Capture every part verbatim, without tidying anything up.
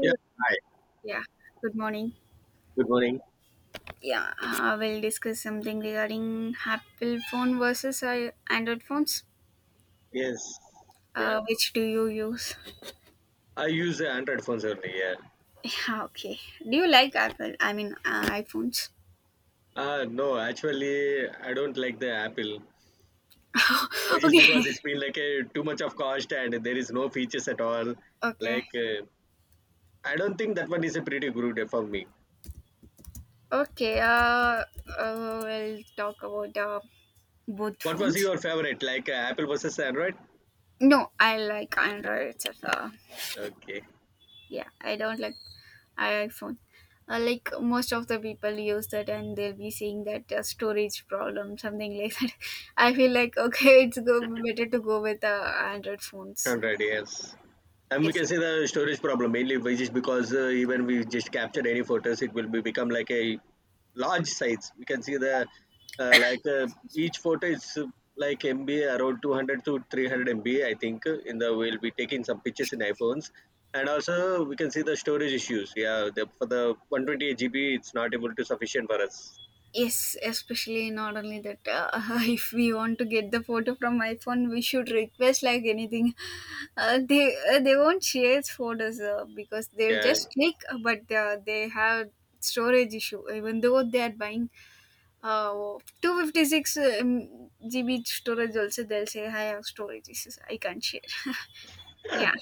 Yeah. Hi. Yeah, good morning. Good morning. Yeah, uh, we'll discuss something regarding Apple phone versus uh, Android phones. Yes. Yeah. Uh, which do you use? I use the Android phones only. Yeah. Yeah, okay. Do you like Apple? I mean, uh, iPhones. Uh, no, actually, I don't like the Apple. Why just Okay, because it's been like a too much of cost and there is no features at all. okay, Like, uh, I don't think that one is a pretty good for me. okay. Uh, uh, we'll talk about uh, both What was phones. your favorite? Like uh, Apple versus Android? No, I like Android itself. Uh, Okay. Yeah, I don't like iPhone. Uh, like most of the people use that and they'll be saying that uh, storage problem, something like that. I feel like okay, it's go better to go with uh, Android phones. one hundred yes, and we yes can say the storage problem mainly, which is because uh, even we just capture any photos, it will be become like a large size. We can see the uh, like uh, each photo is uh, like mb around two hundred to three hundred M B, I think, uh, in the we'll be taking some pictures in iPhones, and also we can see the storage issues, yeah, the, for the one twenty-eight G B it's not able to sufficient for us, yes especially. Not only that, uh, if we want to get the photo from iPhone, we should request like anything. Uh, they uh, they won't share photos uh, because they'll yeah. just click, uh, but uh, they have storage issue even though they are buying. Oh, two fifty six um, G B storage also, they'll say I have storage issues. I can't share. Yeah,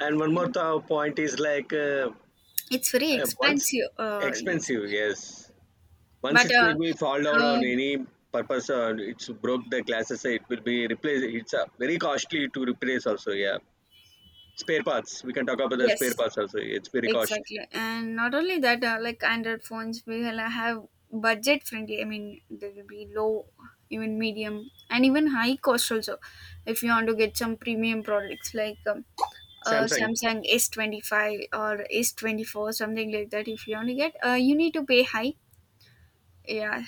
And one more th- point is like, uh, it's very uh, once expensive. Uh, yes. expensive, yes. Once but it will uh, be fall down on um, any purpose, uh, it's broke the glasses. uh, It will be replaced. It's uh, very costly to replace also. Yeah, spare parts. We can talk about the spare yes, parts also. It's very cost. exactly. And not only that, uh, like Android phones will have budget friendly. I mean, there will be low, even medium, and even high cost also. If you want to get some premium products like um, uh, Samsung. Samsung S twenty five or S twenty four, something like that. If you want to get, uh, you need to pay high. Yeah,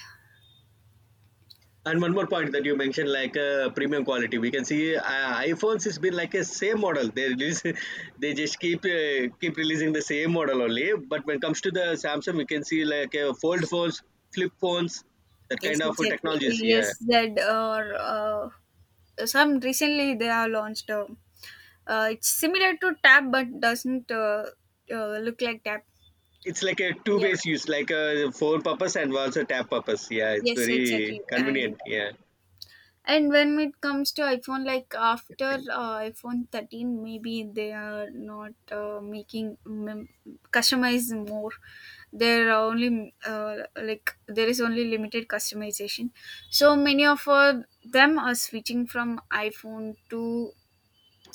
And one more point that you mentioned, like uh, premium quality, we can see uh, iPhones has been like a same model. They release, they just keep uh, keep releasing the same model only. But when it comes to the Samsung, we can see like uh, fold phones, flip phones, that kind yes, of exactly. technologies. Yeah, Yes, that or uh, some recently they have launched. Uh, uh, it's similar to Tab, but doesn't uh, uh, look like Tab. it's like a two Yeah, ways use, like a phone purpose and also tab purpose. Yeah, it's yes, very exactly. And convenient. Yeah, And when it comes to iPhone, like after uh, iPhone thirteen, maybe they are not uh, making mem- customize more. There are only uh, like there is only limited customization. So many of uh, them are switching from iPhone to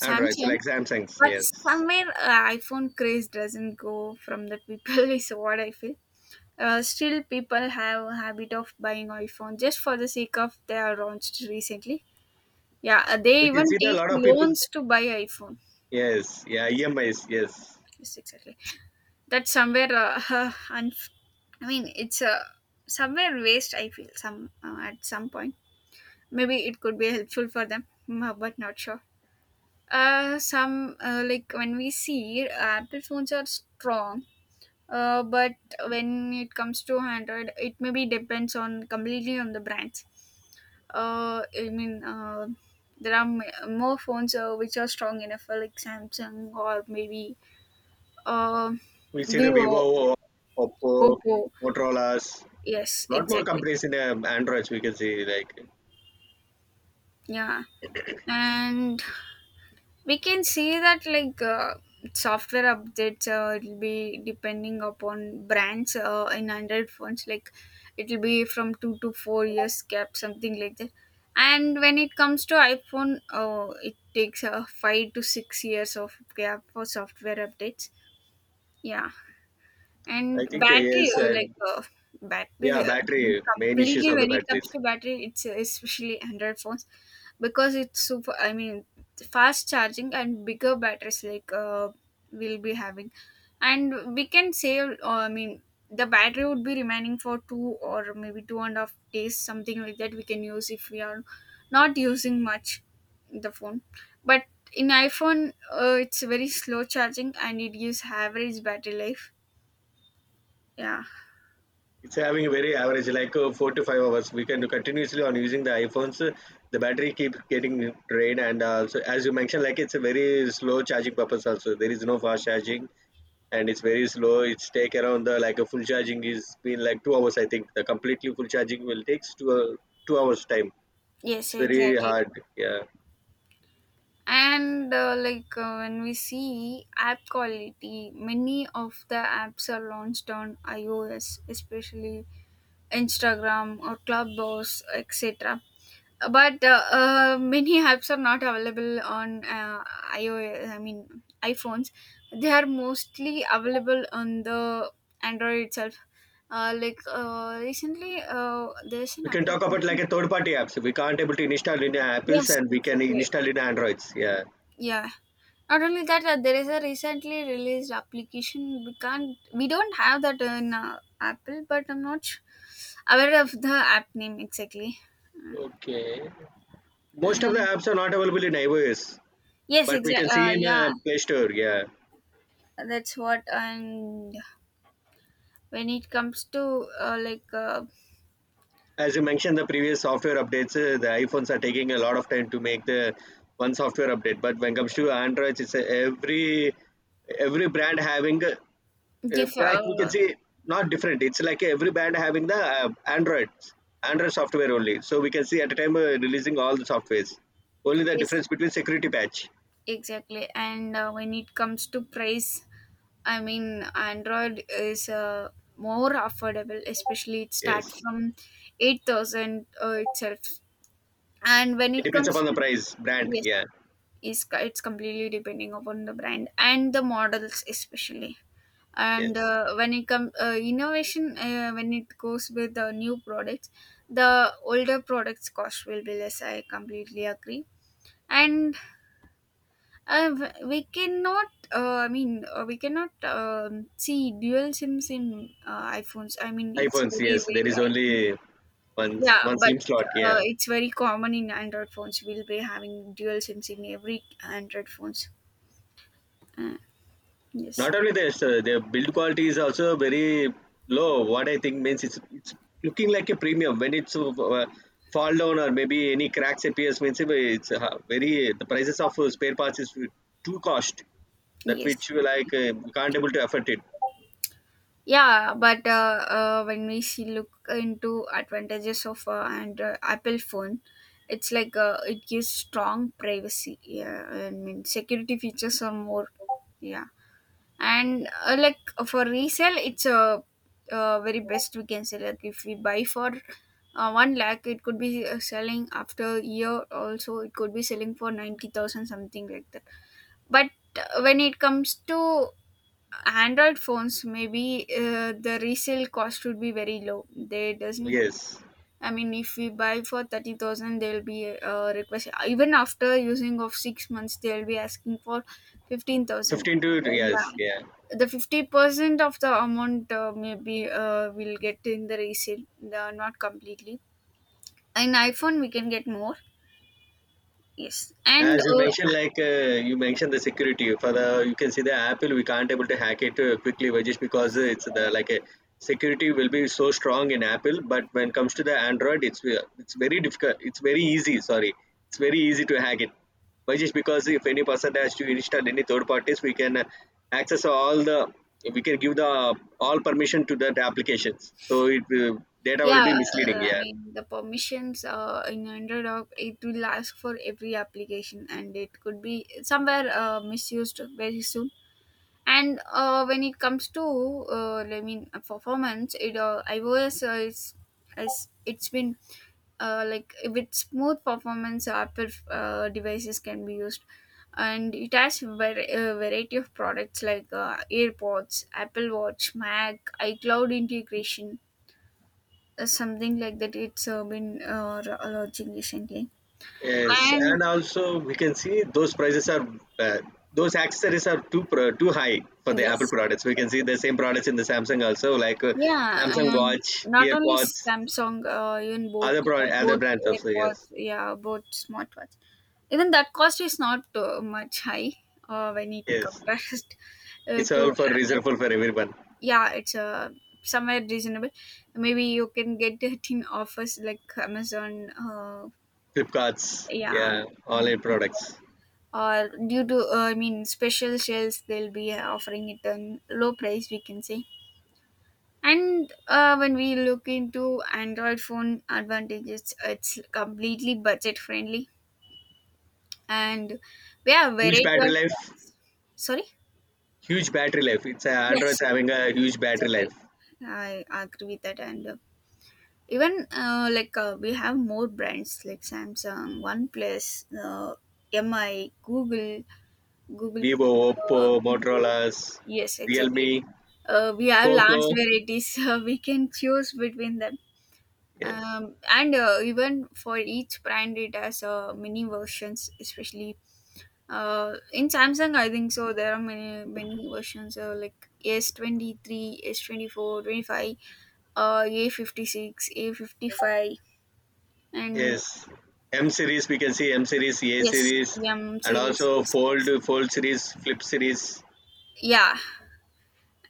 Android. So like Samsung's. But Yes, somewhere uh, iPhone craze doesn't go from the people is what I feel. Uh, still, people have a habit of buying iPhone just for the sake of they are launched recently. yeah, uh, they we can even see that a take lot of people's. loans to buy iPhone. Yes, yeah, E M Is. Yes, Yes, exactly. That's somewhere. Uh, unf- I mean, it's a somewhere waste, I feel, some uh, at some point. Maybe it could be helpful for them, mm, uh, but not sure. Uh, some uh, Like when we see, Apple phones are strong. Uh, but when it comes to Android, it maybe depends on completely on the brands. Uh, I mean, uh, there are m- more phones uh, which are strong enough, uh, like Samsung or maybe uh, we see the Vivo, Vivo, Oppo, Oppo. Motorola's. Yes, Lot more exactly. companies in um, Androids we can see. Like Yeah, and we can see that like uh, software updates uh, it'll be depending upon brands uh, in Android phones. Like it'll be from two to four years gap, something like that. And when it comes to iPhone, uh, it takes uh, five to six years of gap for software updates. Yeah. I And think uh, battery, yes, uh, and like uh, yeah, battery, I mean, battery main issues completely of the when it comes batteries. to battery, it's uh, especially Android phones, because it's super. I mean, fast charging and bigger batteries like uh, we'll be having, and we can save. Uh, I mean, the battery would be remaining for two or maybe two and a half days, something like that. We can use if we are not using much the phone, but in iPhone, uh, it's very slow charging and it gives average battery life. Yeah. It's having a very average, like uh, four to five hours. We can do continuously on using the iPhones. uh, The battery keeps getting drained, and uh, so as you mentioned, like it's a very slow charging purpose. Also, there is no fast charging, and it's very slow. It's take around the like a full charging is been like two hours. I think the completely full charging will takes two uh, two hours time. Yes, It's very exactly. hard. Yeah, And uh, like uh, when we see app quality, many of the apps are launched on iOS, especially Instagram or Clubhouse, et cetera. But uh, uh, many apps are not available on uh, iOS. I mean iPhones. They are mostly available on the Android itself. Uh, like uh, recently, uh, there's an we can talk about like application. a third party apps. We can't able to install in Apple's, Yes, and we can exactly. install in Androids. Yeah, Yeah. Not only that, uh, there is a recently released application. We can't, we don't have that in uh, Apple, but I'm not su- aware of the app name exactly. Uh, most of the and apps are not available in iOS. yes, But we exactly. can Uh, see in yeah, uh, Play Store, yeah. that's what. And when it comes to uh, like uh, As you mentioned, the previous software updates, uh, the iPhones are taking a lot of time to make the one software update. But when it comes to Android, it's uh, every every brand having uh, uh, diff, like we can uh, see not different. It's like every brand having the uh, Android Android software only. So we can see at a time uh, releasing all the softwares. Only the yes, difference between security patch. exactly. And uh, when it comes to price, I mean, Android is uh, more affordable. Especially it starts Yes, from eight thousand uh, itself. And when it it depends comes upon the to price brand. Yes, Yeah. is it's completely depending upon the brand and the models, especially. And Yes. uh, when it comes uh, innovation, uh, when it goes with the new products, the older products cost will be less. I completely agree. And uh, w- we cannot, uh, i mean uh, we cannot um, see dual sims in uh, iPhones. I mean, it's iPhones, very yes, there is rare. only one Yeah, one but SIM slot. uh, Yeah. it's very common in Android phones. We'll be having dual SIMs in every Android phones. Uh, yes, Not only this, uh, their build quality is also very low. What I think means it's it's looking like a premium. When it's uh, uh, fall down or maybe any cracks appears, means it's uh, very the prices of uh, spare parts is too cost, that yes. which you like, uh, we can't able to afford it. Yeah, but uh, uh, when we see, look into advantages of uh, Android, Apple phone, it's like uh, it gives strong privacy. Yeah, I mean security features are more. Yeah, and uh, like for resale it's a, uh, very best, we can say. Like if we buy for uh, one lakh, it could be uh, selling after a year also, it could be selling for ninety thousand, something like that. But uh, when it comes to Android phones, maybe uh, the resale cost would be very low. They doesn't, Yes, I mean, if we buy for thirty thousand, they'll be uh, request even after using of six months, they'll be asking for fifteen thousand. fifteen to, Yeah, yes, yeah. the fifty percent of the amount, uh, maybe uh, we'll get in the resale. The, not completely. In iPhone we can get more. Yes, As and you uh, mentioned, like uh, you yeah, mentioned the security for the you can see the Apple we can't able to hack it uh, quickly, but just because yes, it's the uh, like a security will be so strong in Apple. But when it comes to the Android, it's ve- it's very difficult. It's very easy. Sorry, it's very easy to hack it. But just because if any person has to install any third parties, we can uh, access all the, we can give the all permission to that applications. So it will, data will be yeah. misleading. uh, I Yeah. mean the permissions uh, in Android app, it will ask for every application and it could be somewhere uh, misused very soon. And uh, when it comes to uh, i mean uh, performance, it uh, iOS uh, is, is it's been uh, like with smooth performance Apple uh, devices can be used. And it has var- a variety of products like uh, AirPods, Apple Watch, Mac, iCloud integration, uh, something like that. It's uh, been uh, launching recently. Yes, And and also we can see those prices are uh, those accessories are too pro- too high for the Apple yes, products. We can see exactly. the same products in the Samsung also, like uh, Yeah, Samsung and Watch, not only EarPods, Samsung, uh, even both other pro- other both brands also. Yes, AirPods, yeah, both smartwatch. Even that cost is not uh, much high uh, when it yes, compares uh, it's all to for Apple. reasonable for everyone. Yeah, it's uh, somewhere reasonable. Maybe you can get it in offers like Amazon. Uh, Flipkarts, yeah, yeah, online products. or due to uh, I mean special sales, they'll be offering it on low price, we can say. And uh, when we look into Android phone advantages, it's completely budget friendly, and we have Huge variety battery of life, apps. Sorry. huge battery life. It's uh, Android's Yes, yes, having a yes, huge battery exactly. life. I agree with that, and uh, even uh, like uh, we have more brands like Samsung, OnePlus, uh, M I, Google, Google. Vivo, Oppo, Uh, Vivo. Motorola's, Yes, exactly. Realme, Uh, we have Poco. large varieties, so we can choose between them. Yes. Um, and uh, Even for each brand, it has uh, many versions, especially uh, in Samsung, I think so. There are many many versions uh, like S twenty three, S twenty four, twenty five. uh, A fifty six, A fifty five. And Yes, M series we can see M series, A yes, series, M and series, also yes, fold, yes. fold series, flip series. Yeah,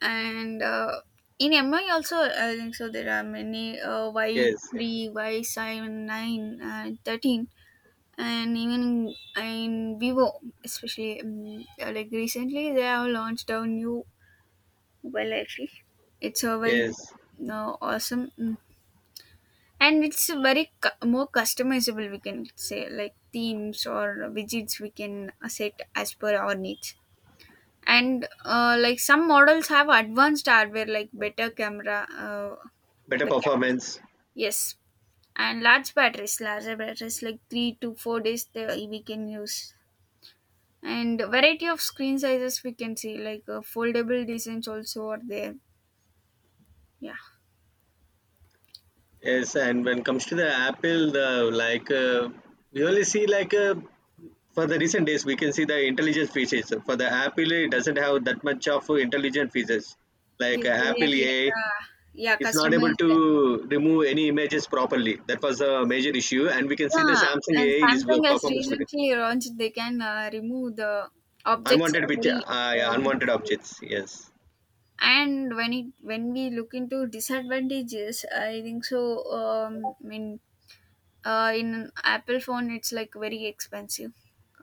and uh, in MI also, I think so there are many uh, Yes, Y three, Y seven, nine and thirteen. And even in, in Vivo, especially, um, uh, like recently they have launched a new, well, actually, it's a very yes, uh, awesome, mm, and it's a very cu- more customizable, we can say, like themes or widgets we can uh, set as per our needs. And uh, like some models have advanced hardware, like better camera uh, better the cameras. performance. Yes, and large batteries larger batteries like three to four days they we can use. And variety of screen sizes we can see, like uh, foldable designs also are there. Yeah. Yes, and when it comes to the Apple, the like uh, we only see like uh, for the recent days we can see the intelligent features. For the Apple, it doesn't have that much of intelligent features. Like uh, Yes, Apple definitely. A, I, Uh, yeah, it's not able customize them. to remove any images properly. That was a major issue, and we can see the Yeah, Samsung and A I is uh, Samsung has performance better. recently launched, they can uh, remove the objects Unwanted picture, very uh, uh, yeah, unwanted easily. objects. Yes, And when it when we look into disadvantages, I think so, um i mean uh, in Apple phone it's like very expensive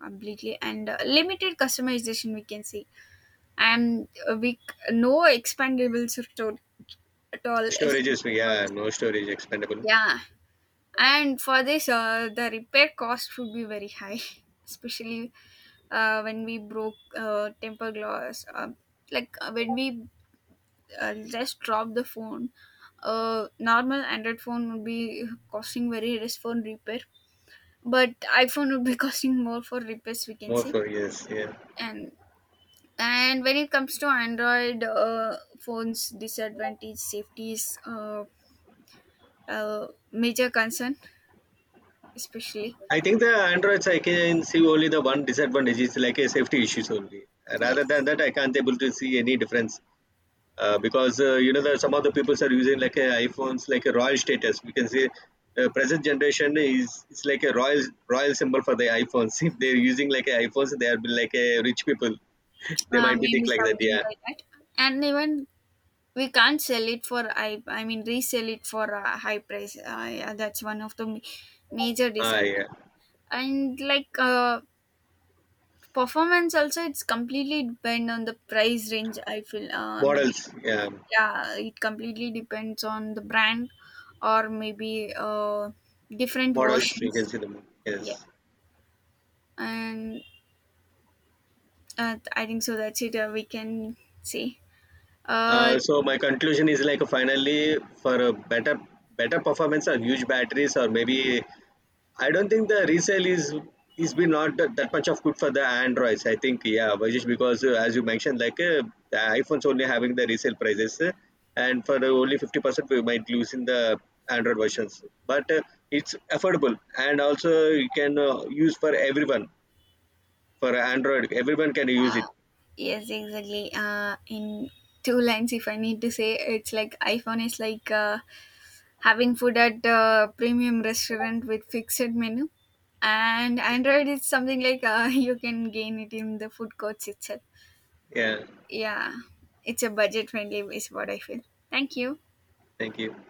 completely. And uh, limited customization we can see. And uh, we c- no expandable store at all, storage is especially for yeah, this. no storage expandable. Yeah. And for this, uh, the repair cost would be very high especially uh, when we broke uh, temper glass, uh, like uh, when we uh, just drop the phone, uh, normal Android phone would be costing very less for repair, but iPhone would be costing more for repairs, we can More say. for yes, yeah. and and when it comes to Android uh, phones, disadvantage safety is uh, a major concern, especially. I think the Androids I can see only the one disadvantage is like a safety issues only. Uh, Rather than Yes, that, I can't able to see any difference uh, because uh, you know the some of the people are using like uh, iPhones like a royal status. We can say uh, present generation is it's like a royal royal symbol for the iPhones. If they're using like a iPhones, they are like a rich people. they uh, might be think maybe like that. something Yeah. like that. And even we can't sell it for, i i mean resell it for a high price, uh, yeah, that's one of the ma- major Ah, disadvantages. yeah. And like uh, performance also, it's completely depend on the price range, I feel. Uh, maybe Models. Yeah. Yeah, it completely depends on the brand or maybe uh, different What else we can versions. see the Yeah, Yes. and uh, I think so that's it, uh, we can say. Uh, Uh, so my conclusion is like finally for a better better performance or huge batteries or maybe I don't think the resale is is been not that, that much of good for the Androids. I think yeah, but just because uh, as you mentioned, like uh, the iPhones only having the resale prices, uh, and for the only fifty percent we might lose in the Android versions. But uh, it's affordable, and also you can uh, use for everyone for Android. Everyone can use it. yes, exactly. Uh in two lines, if I need to say, it's like iPhone is like uh, having food at uh, premium restaurant with fixed menu, and Android is something like uh, you can gain it in the food courts itself. Yeah. Yeah, it's a budget friendly, is what I feel. Thank you. Thank you.